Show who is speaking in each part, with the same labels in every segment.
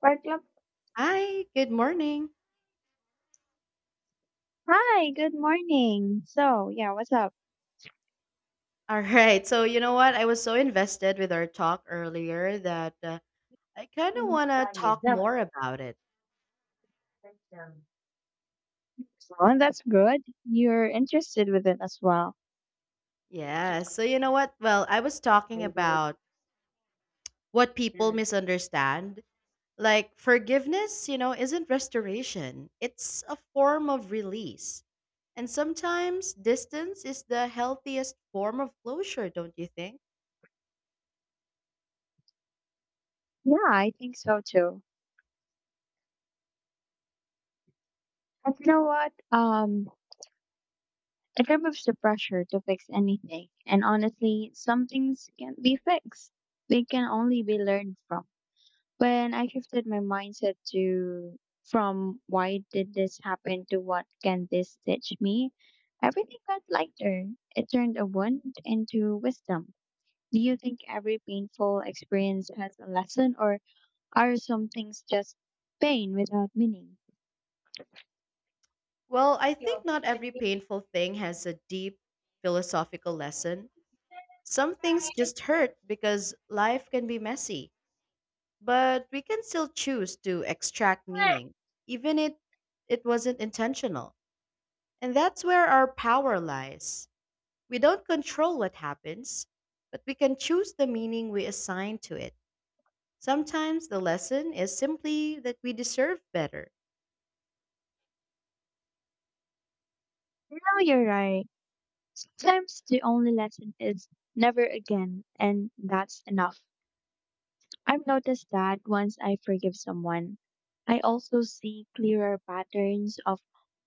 Speaker 1: What up?
Speaker 2: Hi, good morning.
Speaker 1: Hi, good morning. So, yeah, what's up?
Speaker 2: All right. So, you know what? I was so invested with our talk earlier that I kind of want to talk more about it.
Speaker 1: Well, that's good. You're interested with it as well.
Speaker 2: Yeah. So, you know what? Well, I was talking
Speaker 1: Yeah,
Speaker 2: about what people misunderstand. Like, forgiveness, you know, isn't restoration, it's a form of release. And sometimes distance is the healthiest form of closure, don't you think?
Speaker 1: I think so too. But you know what? It removes the pressure to fix anything. And honestly, some things can't be fixed. They can only be learned from. When I shifted my mindset to from why did this happen to what can this teach me, everything felt lighter. It turned a wound into wisdom. Do you think every painful experience has a lesson, or are some things just pain without meaning?
Speaker 2: Well, I think
Speaker 1: No,
Speaker 2: not every painful thing has a deep philosophical lesson. Some things just hurt because life can be messy, but we can still choose to extract meaning, even if it wasn't intentional. And that's where our power lies. We don't control what happens, but we can choose the meaning we assign to it. Sometimes the lesson is simply that we deserve better.
Speaker 1: you're right. Sometimes the only lesson is never again, and that's enough. I've noticed that once I forgive someone, I also see clearer patterns of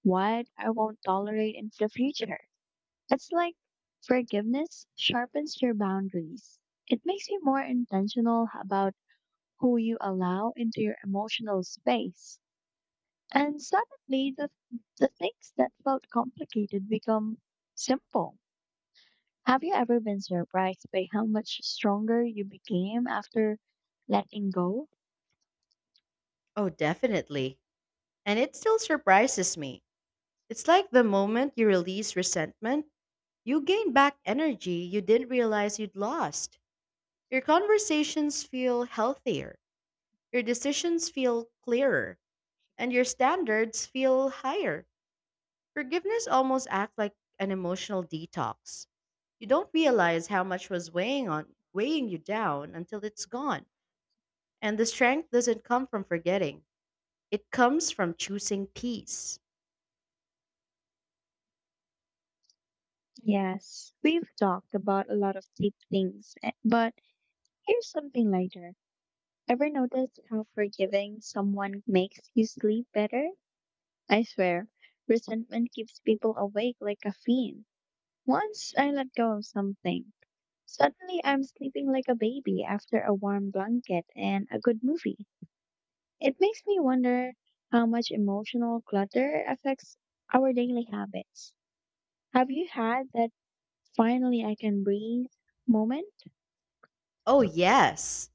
Speaker 1: what I won't tolerate in the future. It's like forgiveness sharpens your boundaries. It makes you more intentional about who you allow into your emotional space. And suddenly, the things that felt complicated become simple. Have you ever been surprised by how much stronger you became after letting go?
Speaker 2: Oh, definitely. And it still surprises me. It's like the moment you release resentment, you gain back energy you didn't realize you'd lost. Your conversations feel healthier, your decisions feel clearer, and your standards feel higher. Forgiveness almost acts like an emotional detox. You don't realize how much was weighing you down until it's gone. And the strength doesn't come from forgetting. It comes from choosing peace.
Speaker 1: Yes, we've talked about a lot of deep things, eh, but here's something lighter. Ever noticed how forgiving someone makes you sleep better? I swear, resentment keeps people awake like caffeine. Once I let go of something, suddenly I'm sleeping like a baby after a warm blanket and a good movie. It makes me wonder how much emotional clutter affects our daily habits. Have you had that finally I can breathe moment?
Speaker 2: Oh yes.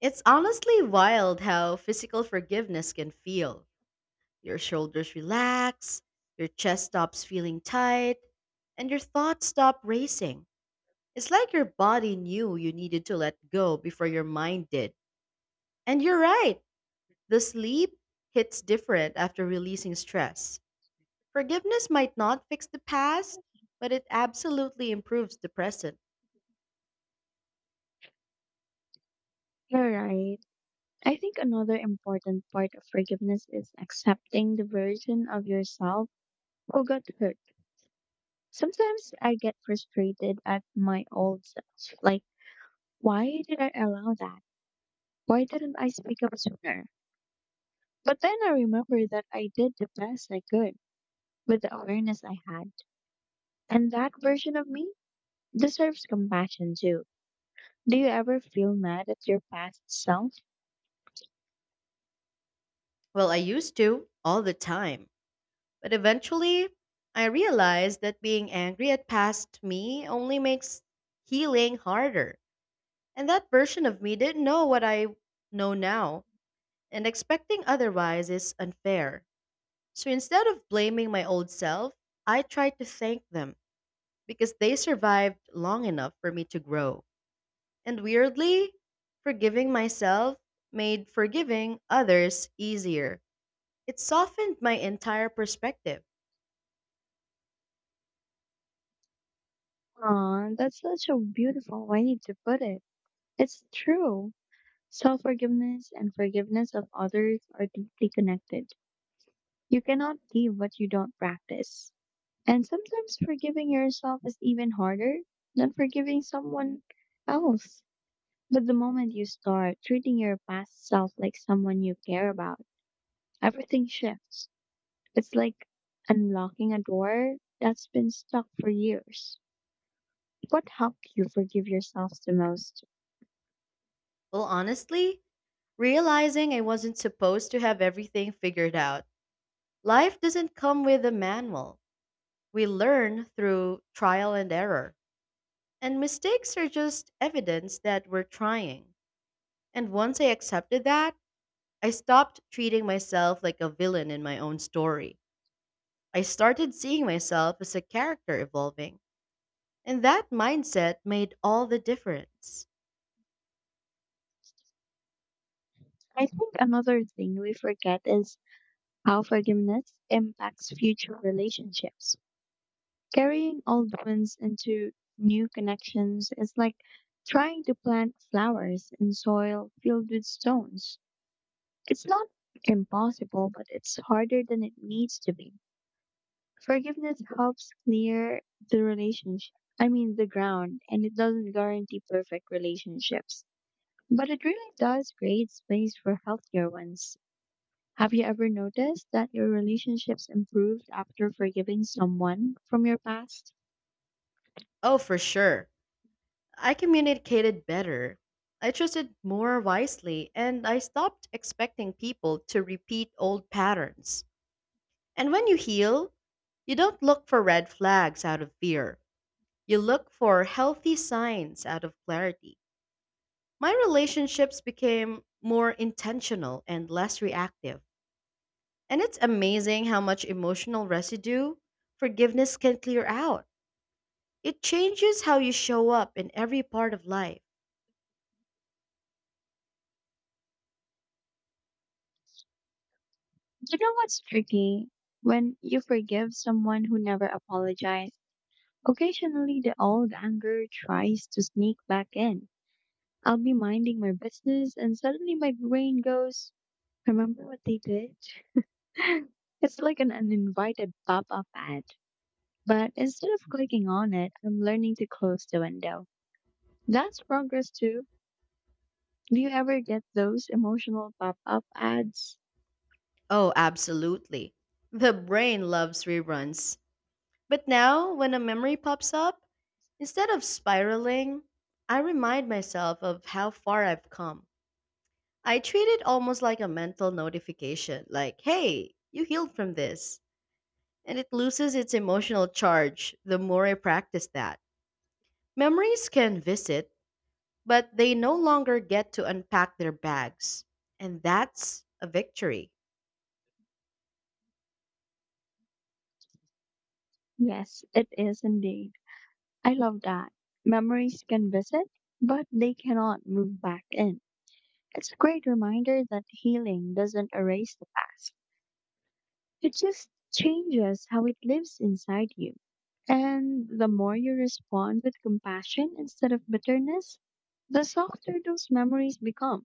Speaker 2: It's honestly wild how physical forgiveness can feel. Your shoulders relax, your chest stops feeling tight, and your thoughts stop racing. It's like your body knew you needed to let go before your mind did. And you're right, the sleep hits different after releasing stress. Forgiveness might not fix the past, but it absolutely improves the present.
Speaker 1: You're right. I think another important part of forgiveness is accepting the version of yourself who got hurt. Sometimes I get frustrated at my old self. Like, why did I allow that? Why didn't I speak up sooner? But then I remember that I did the best I could with the awareness I had. And that version of me deserves compassion too. Do you ever feel mad at your past self?
Speaker 2: Well, I used to all the time, but eventually I realized that being angry at past me only makes healing harder. And that version of me didn't know what I know now, and expecting otherwise is unfair. So instead of blaming my old self, I tried to thank them because they survived long enough for me to grow. And weirdly, forgiving myself made forgiving others easier. It softened my entire perspective.
Speaker 1: Aw, that's such a beautiful way to put it. It's true. Self forgiveness and forgiveness of others are deeply connected. You cannot give what you don't practice. And sometimes forgiving yourself is even harder than forgiving someone else. But the moment you start treating your past self like someone you care about, everything shifts. It's like unlocking a door that's been stuck for years. What helped you forgive yourself the most?
Speaker 2: Well, honestly, realizing I wasn't supposed to have everything figured out, life doesn't come with a manual. We learn through trial and error, and mistakes are just evidence that we're trying. And once I accepted that, I stopped treating myself like a villain in my own story. I started seeing myself as a character evolving, and that mindset made all the difference.
Speaker 1: I think another thing we forget is how forgiveness impacts future relationships. Carrying old wounds into new connections is like trying to plant flowers in soil filled with stones. It's not impossible, but it's harder than it needs to be. Forgiveness helps clear the relationship, I mean, the ground, and it doesn't guarantee perfect relationships. But it really does create space for healthier ones. Have you ever noticed that your relationships improved after forgiving someone from your past?
Speaker 2: Oh, for sure. I communicated better. I trusted more wisely, and I stopped expecting people to repeat old patterns. And when you heal, you don't look for red flags out of fear. You look for healthy signs out of clarity. My relationships became more intentional and less reactive. And it's amazing how much emotional residue forgiveness can clear out. It changes how you show up in every part of life.
Speaker 1: You know what's tricky? When you forgive someone who never apologized, occasionally the old anger tries to sneak back in. I'll be minding my business and suddenly my brain goes, remember what they did? It's like an uninvited pop up ad. But instead of clicking on it, I'm learning to close the window. That's progress too. Do you ever get those emotional pop up ads?
Speaker 2: Oh, absolutely. The brain loves reruns. But now, when a memory pops up, instead of spiraling, I remind myself of how far I've come. I treat it almost like a mental notification, like, hey, you healed from this. And it loses its emotional charge the more I practice that. Memories can visit, but they no longer get to unpack their bags. And that's a victory.
Speaker 1: Yes, it is indeed. I love that. Memories can visit, but they cannot move back in. It's a great reminder that healing doesn't erase the past, it just changes how it lives inside you. And the more you respond with compassion instead of bitterness, the softer those memories become.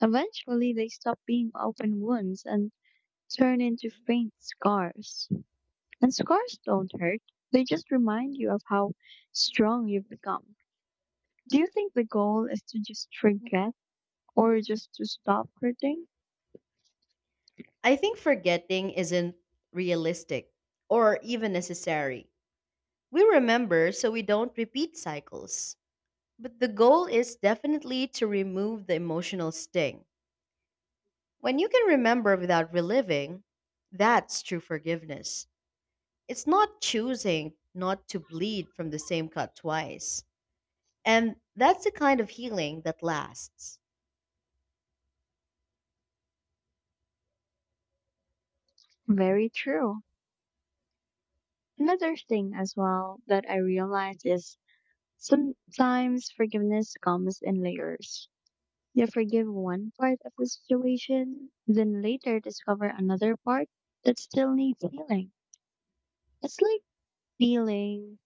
Speaker 1: Eventually, they stop being open wounds and turn into faint scars. And scars don't hurt, they just remind you of how strong you've become. Do you think the goal is to just forget or just to stop hurting?
Speaker 2: I think forgetting isn't realistic or even necessary. We remember so we don't repeat cycles. But the goal is definitely to remove the emotional sting. When you can remember without reliving, that's true forgiveness. It's not choosing not to bleed from the same cut twice. And that's the kind of healing that lasts.
Speaker 1: Very true. Another thing as well that I realized is sometimes forgiveness comes in layers. You forgive one part of the situation, then later discover another part that still needs healing. It's like peeling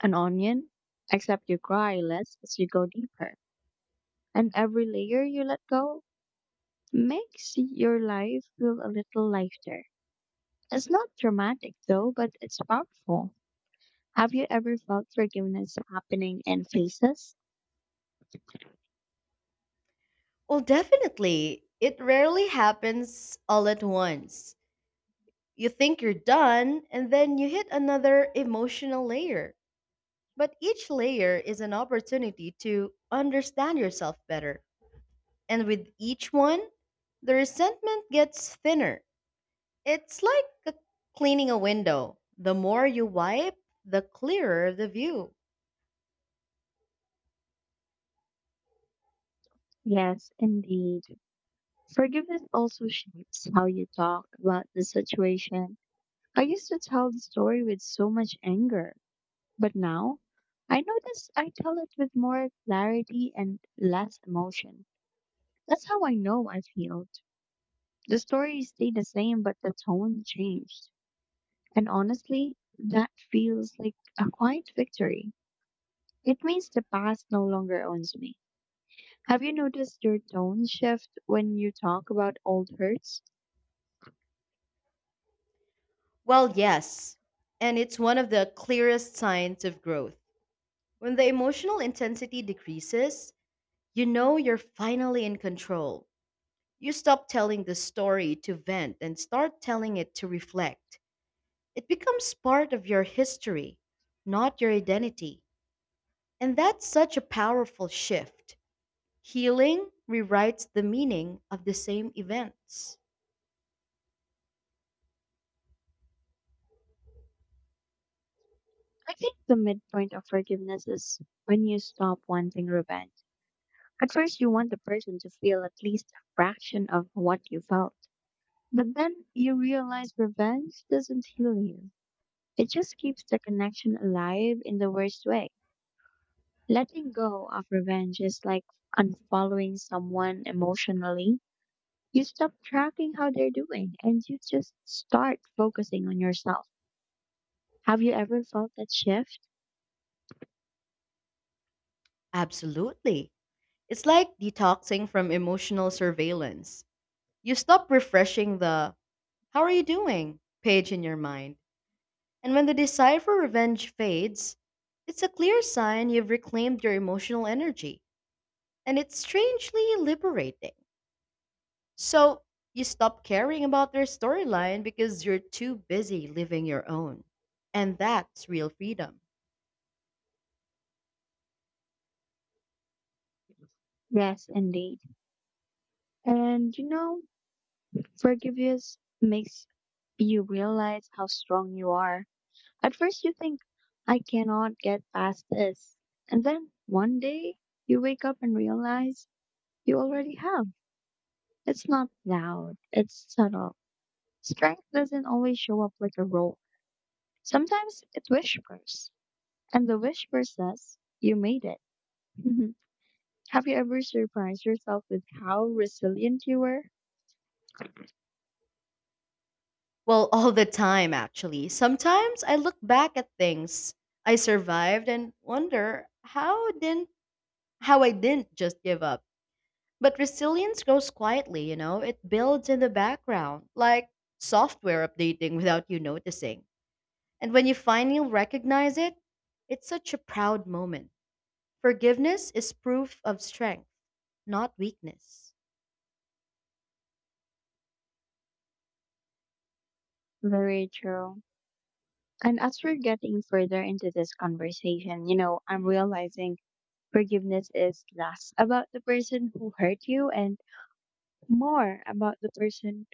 Speaker 1: an onion, except you cry less as you go deeper. And every layer you let go makes your life feel a little lighter. It's not dramatic though, but it's powerful. Have you ever felt forgiveness happening in phases?
Speaker 2: Well, definitely. It rarely happens all at once. You think you're done, and then you hit another emotional layer. But each layer is an opportunity to understand yourself better. And with each one, the resentment gets thinner. It's like cleaning a window. The more you wipe, the clearer the view.
Speaker 1: Yes, indeed. Forgiveness also shapes how you talk about the situation. I used to tell the story with so much anger, but now I notice I tell it with more clarity and less emotion. That's how I know I've healed. The story stayed the same, but the tone changed. And honestly, that feels like a quiet victory. It means the past no longer owns me. Have you noticed your tone shift when you talk about old hurts?
Speaker 2: Well, yes. And it's one of the clearest signs of growth. When the emotional intensity decreases, you know you're finally in control. You stop telling the story to vent and start telling it to reflect. It becomes part of your history, not your identity. And that's such a powerful shift. Healing rewrites the meaning of the same events.
Speaker 1: I think the midpoint of forgiveness is when you stop wanting revenge. At first, you want the person to feel at least a fraction of what you felt. But then you realize revenge doesn't heal you. It just keeps the connection alive in the worst way. Letting go of revenge is like unfollowing someone emotionally. You stop tracking how they're doing and you just start focusing on yourself. Have you ever felt that shift?
Speaker 2: Absolutely. It's like detoxing from emotional surveillance. You stop refreshing the "how are you doing" page in your mind. And when the desire for revenge fades, it's a clear sign you've reclaimed your emotional energy. And it's strangely liberating. So you stop caring about their storyline because you're too busy living your own. And that's real freedom.
Speaker 1: Yes, indeed. And you know, forgiveness makes you realize how strong you are. At first, you think, I cannot get past this. And then one day, you wake up and realize you already have. It's not loud, it's subtle. Strength doesn't always show up like a roll. Sometimes it whispers, and the whisper says, you made it. Have you ever surprised yourself with how resilient you were?
Speaker 2: Well, all the time, actually. Sometimes I look back at things I survived and wonder how I didn't just give up. But resilience grows quietly, you know. It builds in the background, like software updating without you noticing. And when you finally recognize it, it's such a proud moment. Forgiveness is proof of strength, not weakness.
Speaker 1: Very true. And as we're getting further into this conversation, you know, I'm realizing forgiveness is less about the person who hurt you and more about the person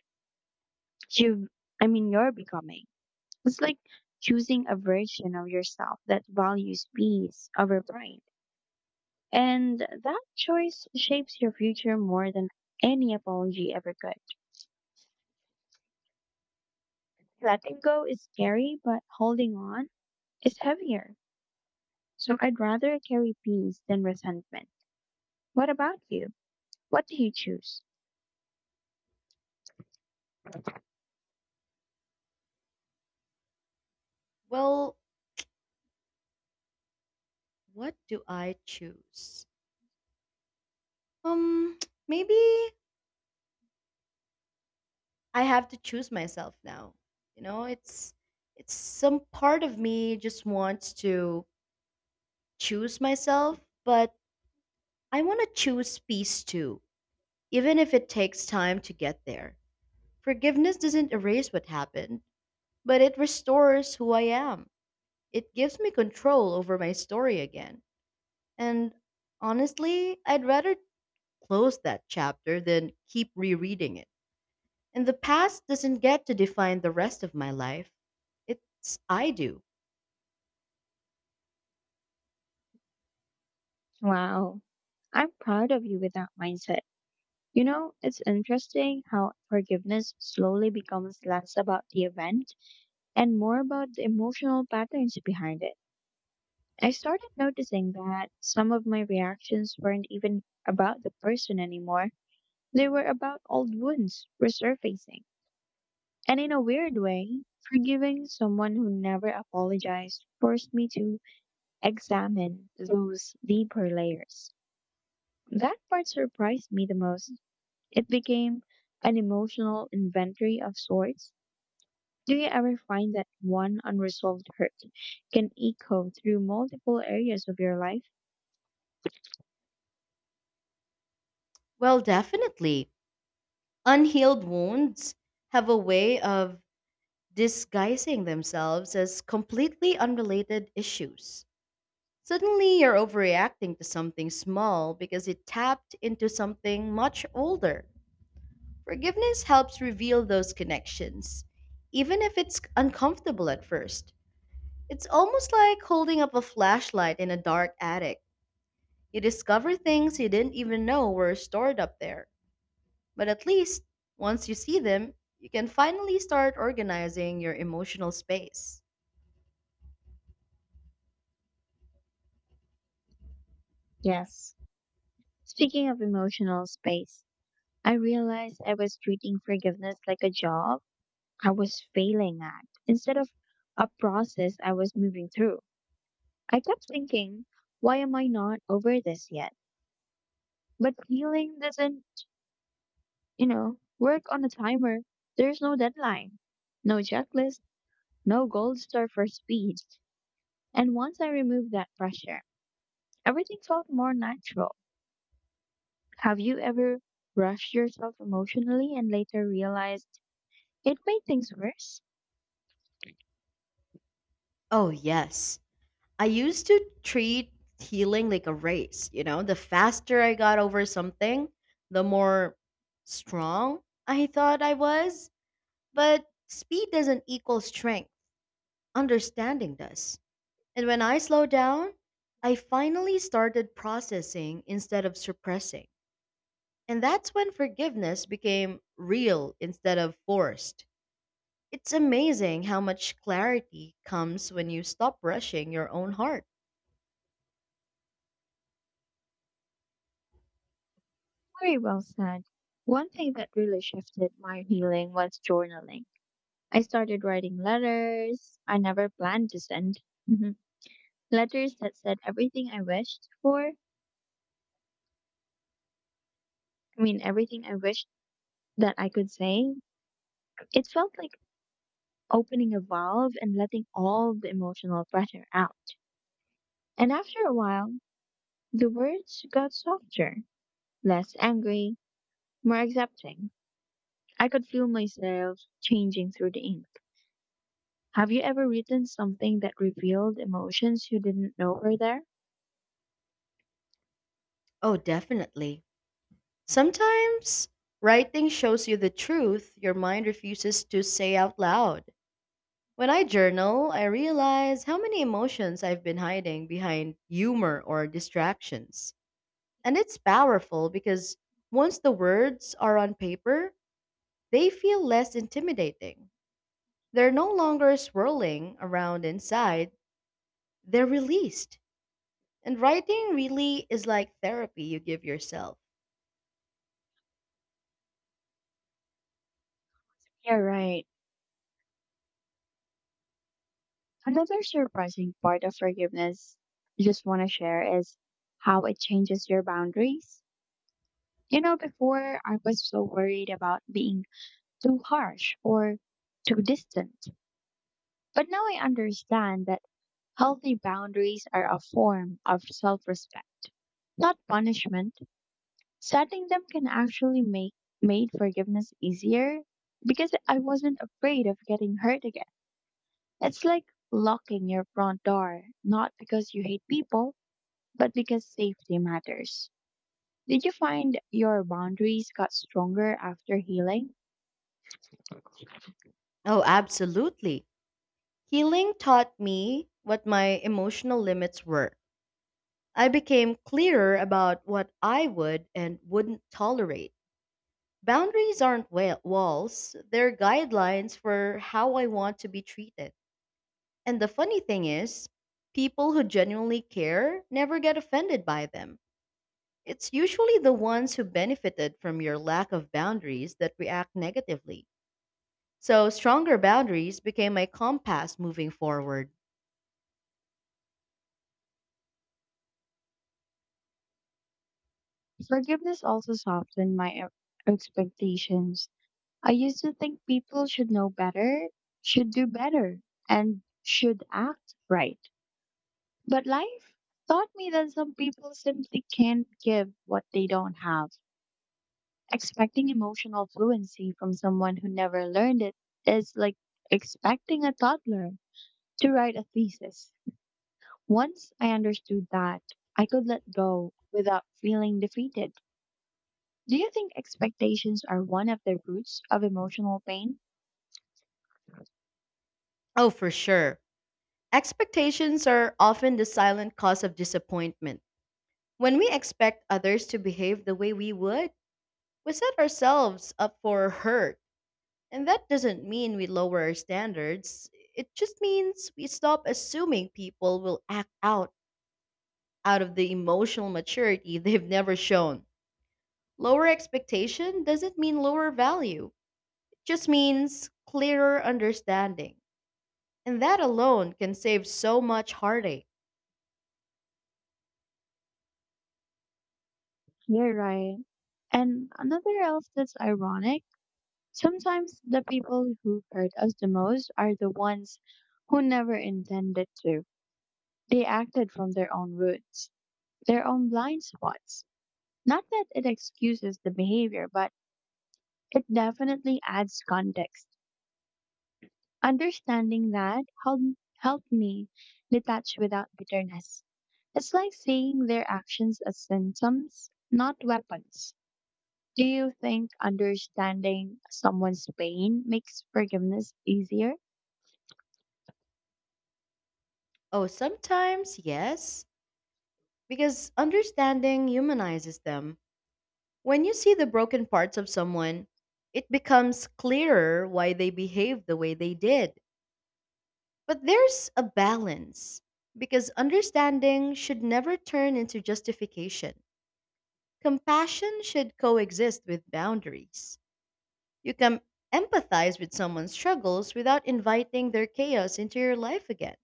Speaker 1: you, I mean, you're becoming. It's like choosing a version of yourself that values peace over pride. And that choice shapes your future more than any apology ever could. Letting go is scary, but holding on is heavier. So I'd rather carry peace than resentment. What about you? What do you choose?
Speaker 2: Well, what do I choose? Um, maybe I have to choose myself now. You know, it's some part of me just wants to choose myself, but I want to choose peace too, even if it takes time to get there. Forgiveness doesn't erase what happened, but it restores who I am. It gives me control over my story again. And honestly, I'd rather close that chapter than keep rereading it. And the past doesn't get to define the rest of my life. It's I do.
Speaker 1: Wow. I'm proud of you with that mindset. You know, it's interesting how forgiveness slowly becomes less about the event and more about the emotional patterns behind it. I started noticing that some of my reactions weren't even about the person anymore. They were about old wounds resurfacing. And in a weird way, forgiving someone who never apologized forced me to examine those deeper layers. That part surprised me the most. It became an emotional inventory of sorts. Do you ever find that one unresolved hurt can echo through multiple areas of your life?
Speaker 2: Well, definitely. Unhealed wounds have a way of disguising themselves as completely unrelated issues. Suddenly, you're overreacting to something small because it tapped into something much older. Forgiveness helps reveal those connections, even if it's uncomfortable at first. It's almost like holding up a flashlight in a dark attic. You discover things you didn't even know were stored up there. But at least, once you see them, you can finally start organizing your emotional space.
Speaker 1: Yes. Speaking of emotional space, I realized I was treating forgiveness like a job I was failing at instead of a process I was moving through. I kept thinking, why am I not over this yet? But healing doesn't, you know, work on a timer. There's no deadline, no checklist, no gold star for speed. And once I removed that pressure, everything felt more natural. Have you ever rushed yourself emotionally and later realized it made things worse?
Speaker 2: Oh, yes. I used to treat healing like a race. You know, the faster I got over something, the more strong I thought I was. But speed doesn't equal strength, understanding does. And when I slow down, I finally started processing instead of suppressing. And that's when forgiveness became real instead of forced. It's amazing how much clarity comes when you stop rushing your own heart.
Speaker 1: Very well said. One thing that really shifted my healing was journaling. I started writing letters I never planned to send. Mhm. Letters that said everything I wished for. I mean, everything I wished that I could say. It felt like opening a valve and letting all the emotional pressure out. And after a while, the words got softer, less angry, more accepting. I could feel myself changing through the ink. Have you ever written something that revealed emotions you didn't know were there?
Speaker 2: Oh, definitely. Sometimes writing shows you the truth your mind refuses to say out loud. When I journal, I realize how many emotions I've been hiding behind humor or distractions. And it's powerful because once the words are on paper, they feel less intimidating. They're no longer swirling around inside, they're released. And writing really is like therapy you give yourself.
Speaker 1: Yeah, right. Another surprising part of forgiveness I just want to share is how it changes your boundaries. You know, before I was so worried about being too harsh or too distant. But now I understand that healthy boundaries are a form of self respect, not punishment. Setting them can actually make made forgiveness easier because I wasn't afraid of getting hurt again. It's like locking your front door, not because you hate people, but because safety matters. Did you find your boundaries got stronger after healing?
Speaker 2: Oh, absolutely. Healing taught me what my emotional limits were. I became clearer about what I would and wouldn't tolerate. Boundaries aren't walls, they're guidelines for how I want to be treated. And the funny thing is, people who genuinely care never get offended by them. It's usually the ones who benefited from your lack of boundaries that react negatively. So, stronger boundaries became my compass moving forward.
Speaker 1: Forgiveness also softened my expectations. I used to think people should know better, should do better, and should act right. But life taught me that some people simply can't give what they don't have. Expecting emotional fluency from someone who never learned it is like expecting a toddler to write a thesis. Once I understood that, I could let go without feeling defeated. Do you think expectations are one of the roots of emotional pain?
Speaker 2: Oh, for sure. Expectations are often the silent cause of disappointment. When we expect others to behave the way we would, we set ourselves up for hurt. And that doesn't mean we lower our standards. It just means we stop assuming people will act out out of the emotional maturity they've never shown. Lower expectation doesn't mean lower value. It just means clearer understanding. And that alone can save so much heartache.
Speaker 1: You're right. And another else that's ironic, sometimes the people who hurt us the most are the ones who never intended to. They acted from their own roots, their own blind spots. Not that it excuses the behavior, but it definitely adds context. Understanding that helped me detach without bitterness. It's like seeing their actions as symptoms, not weapons. Do you think understanding someone's pain makes forgiveness easier?
Speaker 2: Oh, sometimes, yes, because understanding humanizes them. When you see the broken parts of someone, it becomes clearer why they behaved the way they did. But there's a balance because understanding should never turn into justification. Compassion should coexist with boundaries. You can empathize with someone's struggles without inviting their chaos into your life again.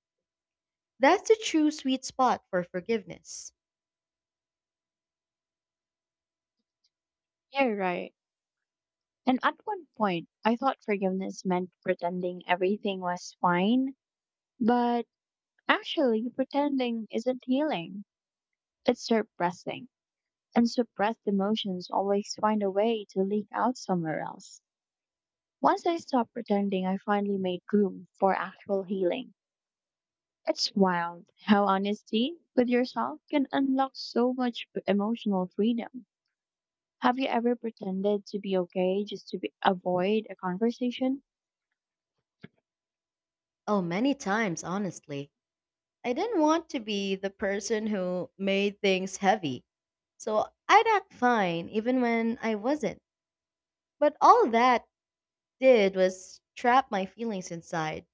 Speaker 2: That's the true sweet spot for forgiveness.
Speaker 1: You're right. And at one point, I thought forgiveness meant pretending everything was fine, but actually, pretending isn't healing. It's suppressing. And suppressed emotions always find a way to leak out somewhere else. Once I stopped pretending, I finally made room for actual healing. It's wild how honesty with yourself can unlock so much emotional freedom. Have you ever pretended to be okay just to avoid a conversation?
Speaker 2: Oh, many times, honestly. I didn't want to be the person who made things heavy. So I'd act fine even when I wasn't. But all that did was trap my feelings inside.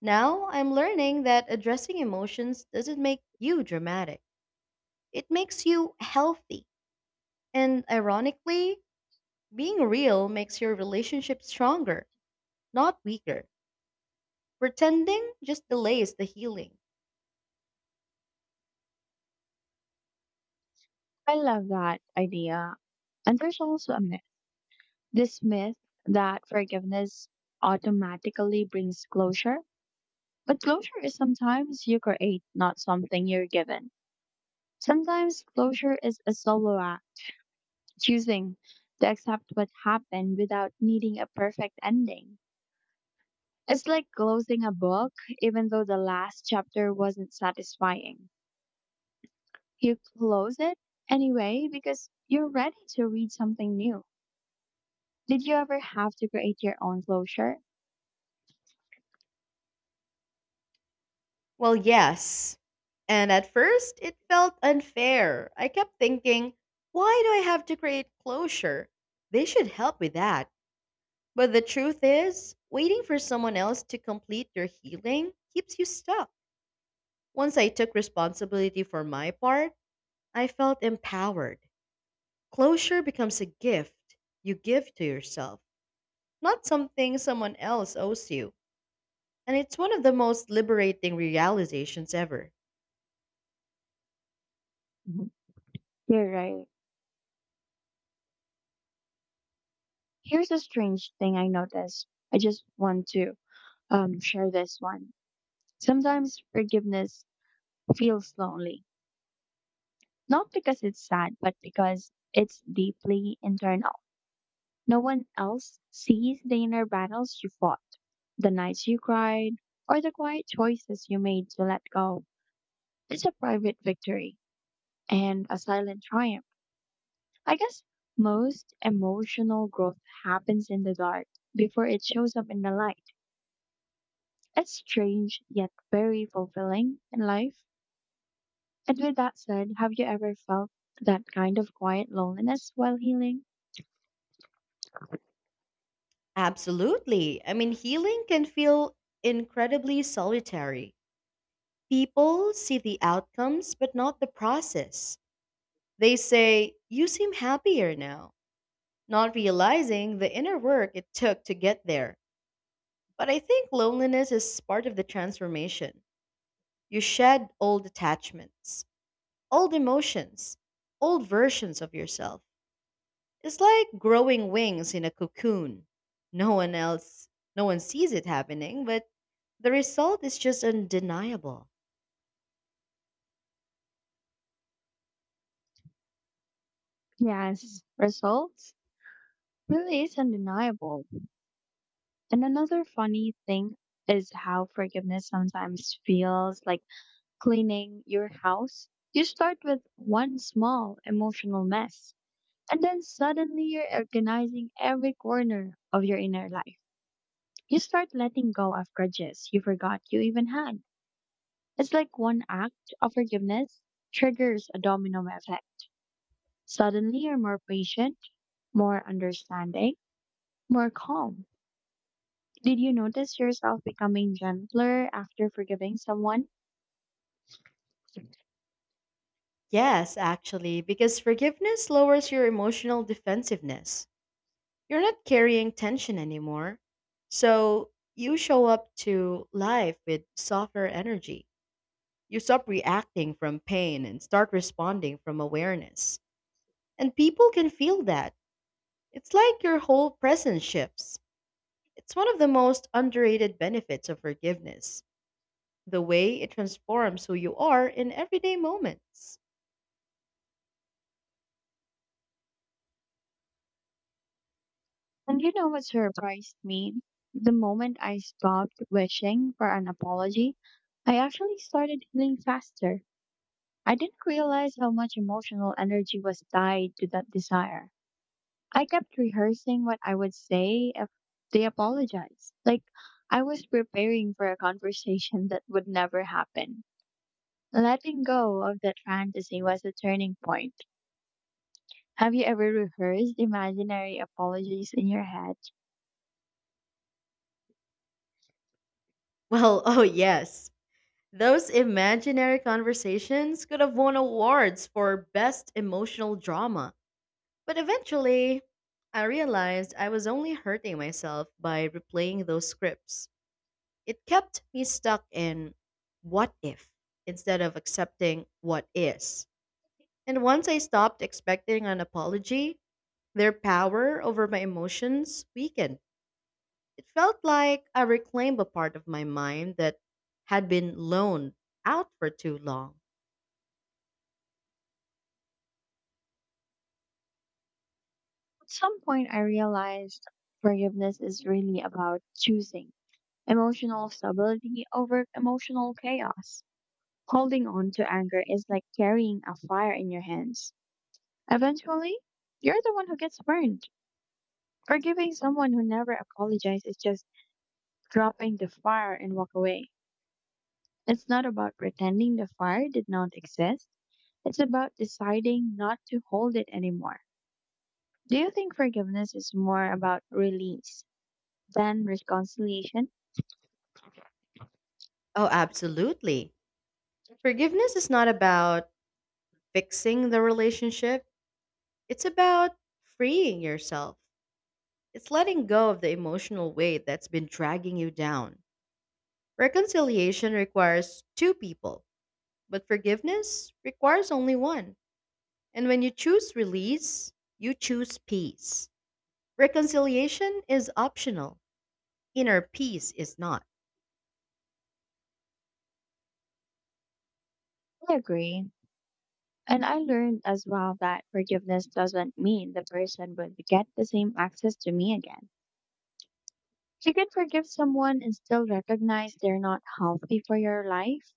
Speaker 2: Now I'm learning that addressing emotions doesn't make you dramatic, it makes you healthy. And ironically, being real makes your relationship stronger, not weaker. Pretending just delays the healing.
Speaker 1: I love that idea. And there's also a myth, this myth that forgiveness automatically brings closure. But closure is sometimes you create, not something you're given. Sometimes closure is a solo act, choosing to accept what happened without needing a perfect ending. It's like closing a book, even though the last chapter wasn't satisfying. You close it anyway because you're ready to read something new. Did you ever have to create your own closure?
Speaker 2: Well, yes. And at first, it felt unfair. I kept thinking, why do I have to create closure? They should help with that. But the truth is, waiting for someone else to complete your healing keeps you stuck. Once I took responsibility for my part, I felt empowered. Closure becomes a gift you give to yourself, not something someone else owes you. And it's one of the most liberating realizations ever.
Speaker 1: Mhm. You're right. Here's a strange thing I noticed. I just want to share this one. Sometimes forgiveness feels lonely, not because it's sad, but because it's deeply internal. No one else sees the inner battles you fought, the nights you cried, or the quiet choices you made to let go. It's a private victory and a silent triumph. I guess most emotional growth happens in the dark before it shows up in the light. It's strange yet very fulfilling in life. And with that said, have you ever felt that kind of quiet loneliness while healing?
Speaker 2: Absolutely. I mean, healing can feel incredibly solitary. People see the outcomes, but not the process. They say, "You seem happier now," not realizing the inner work it took to get there. But I think loneliness is part of the transformation. You shed old attachments, old emotions, old versions of yourself. It's like growing wings in a cocoon. No one else, no one sees it happening, but the result is just undeniable.
Speaker 1: Yes, results really is undeniable. And another funny thing is how forgiveness sometimes feels like cleaning your house. You start with one small emotional mess, and then suddenly you're organizing every corner of your inner life. You start letting go of grudges you forgot you even had. It's like one act of forgiveness triggers a domino effect. Suddenly you're more patient, more understanding, more calm. Did you notice yourself becoming gentler after forgiving someone?
Speaker 2: Yes, actually, because forgiveness lowers your emotional defensiveness. You're not carrying tension anymore. So you show up to life with softer energy. You stop reacting from pain and start responding from awareness. And people can feel that. It's like your whole presence shifts. It's one of the most underrated benefits of forgiveness, the way it transforms who you are in everyday moments.
Speaker 1: And you know what surprised me? The moment I stopped wishing for an apology, I actually started healing faster. I didn't realize how much emotional energy was tied to that desire. I kept rehearsing what I would say if they apologized. Like, I was preparing for a conversation that would never happen. Letting go of that fantasy was a turning point. Have you ever rehearsed imaginary apologies in your head?
Speaker 2: Well, oh yes. Those imaginary conversations could have won awards for best emotional drama. But eventually, I realized I was only hurting myself by replaying those scripts. It kept me stuck in "what if" instead of accepting what is. And once I stopped expecting an apology, their power over my emotions weakened. It felt like I reclaimed a part of my mind that had been loaned out for too long.
Speaker 1: At some point, I realized forgiveness is really about choosing emotional stability over emotional chaos. Holding on to anger is like carrying a fire in your hands. Eventually, you're the one who gets burned. Forgiving someone who never apologized is just dropping the fire and walk away. It's not about pretending the fire did not exist. It's about deciding not to hold it anymore. Do you think forgiveness is more about release than reconciliation?
Speaker 2: Oh, absolutely. Forgiveness is not about fixing the relationship, it's about freeing yourself. It's letting go of the emotional weight that's been dragging you down. Reconciliation requires two people, but forgiveness requires only one. And when you choose release, you choose peace. Reconciliation is optional. Inner peace is not.
Speaker 1: I agree. And I learned as well that forgiveness doesn't mean the person will get the same access to me again. You can forgive someone and still recognize they're not healthy for your life,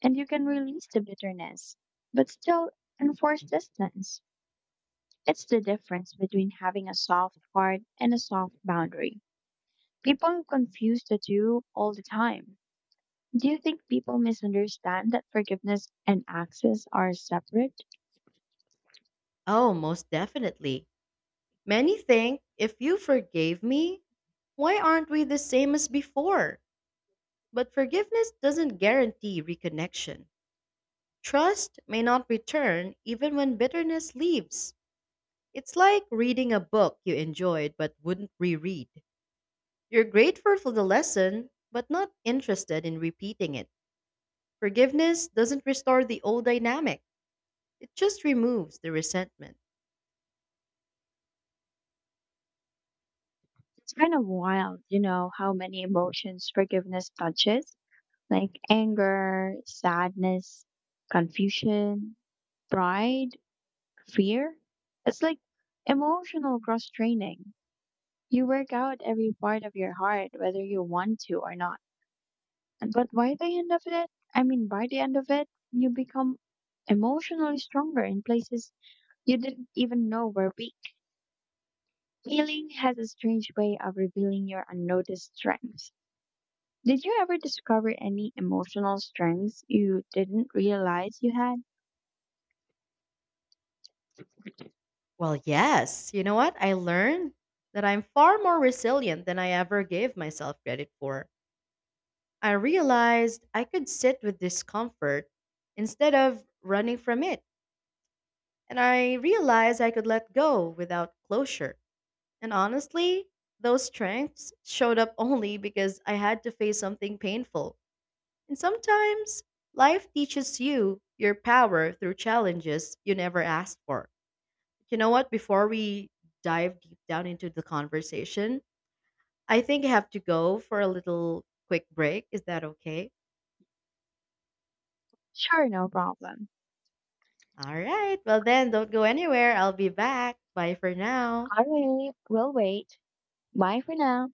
Speaker 1: and you can release the bitterness, but still enforce distance. It's the difference between having a soft heart and a soft boundary. People confuse the two all the time. Do you think people misunderstand that forgiveness and access are separate?
Speaker 2: Oh, most definitely. Many think if you forgave me, why aren't we the same as before? But forgiveness doesn't guarantee reconnection. Trust may not return even when bitterness leaves. It's like reading a book you enjoyed but wouldn't reread. You're grateful for the lesson, but not interested in repeating it. Forgiveness doesn't restore the old dynamic, it just removes the resentment.
Speaker 1: It's kind of wild, you know, how many emotions forgiveness touches. Like anger, sadness, confusion, pride, fear. It's like emotional cross training. You work out every part of your heart, whether you want to or not. But by the end of it, I mean, by the end of it, you become emotionally stronger in places you didn't even know were weak. Healing has a strange way of revealing your unnoticed strengths. Did you ever discover any emotional strengths you didn't realize you had?
Speaker 2: Well, yes. You know what? I learned that I'm far more resilient than I ever gave myself credit for. I realized I could sit with discomfort instead of running from it. And I realized I could let go without closure. And honestly, those strengths showed up only because I had to face something painful. And sometimes life teaches you your power through challenges you never asked for. You know what? Before we dive deep down into the conversation, I think I have to go for a little quick break. Is that okay?
Speaker 1: Sure, no problem.
Speaker 2: All right. Well, then, don't go anywhere. I'll be back. Bye for now.
Speaker 1: I really will wait. Bye for now.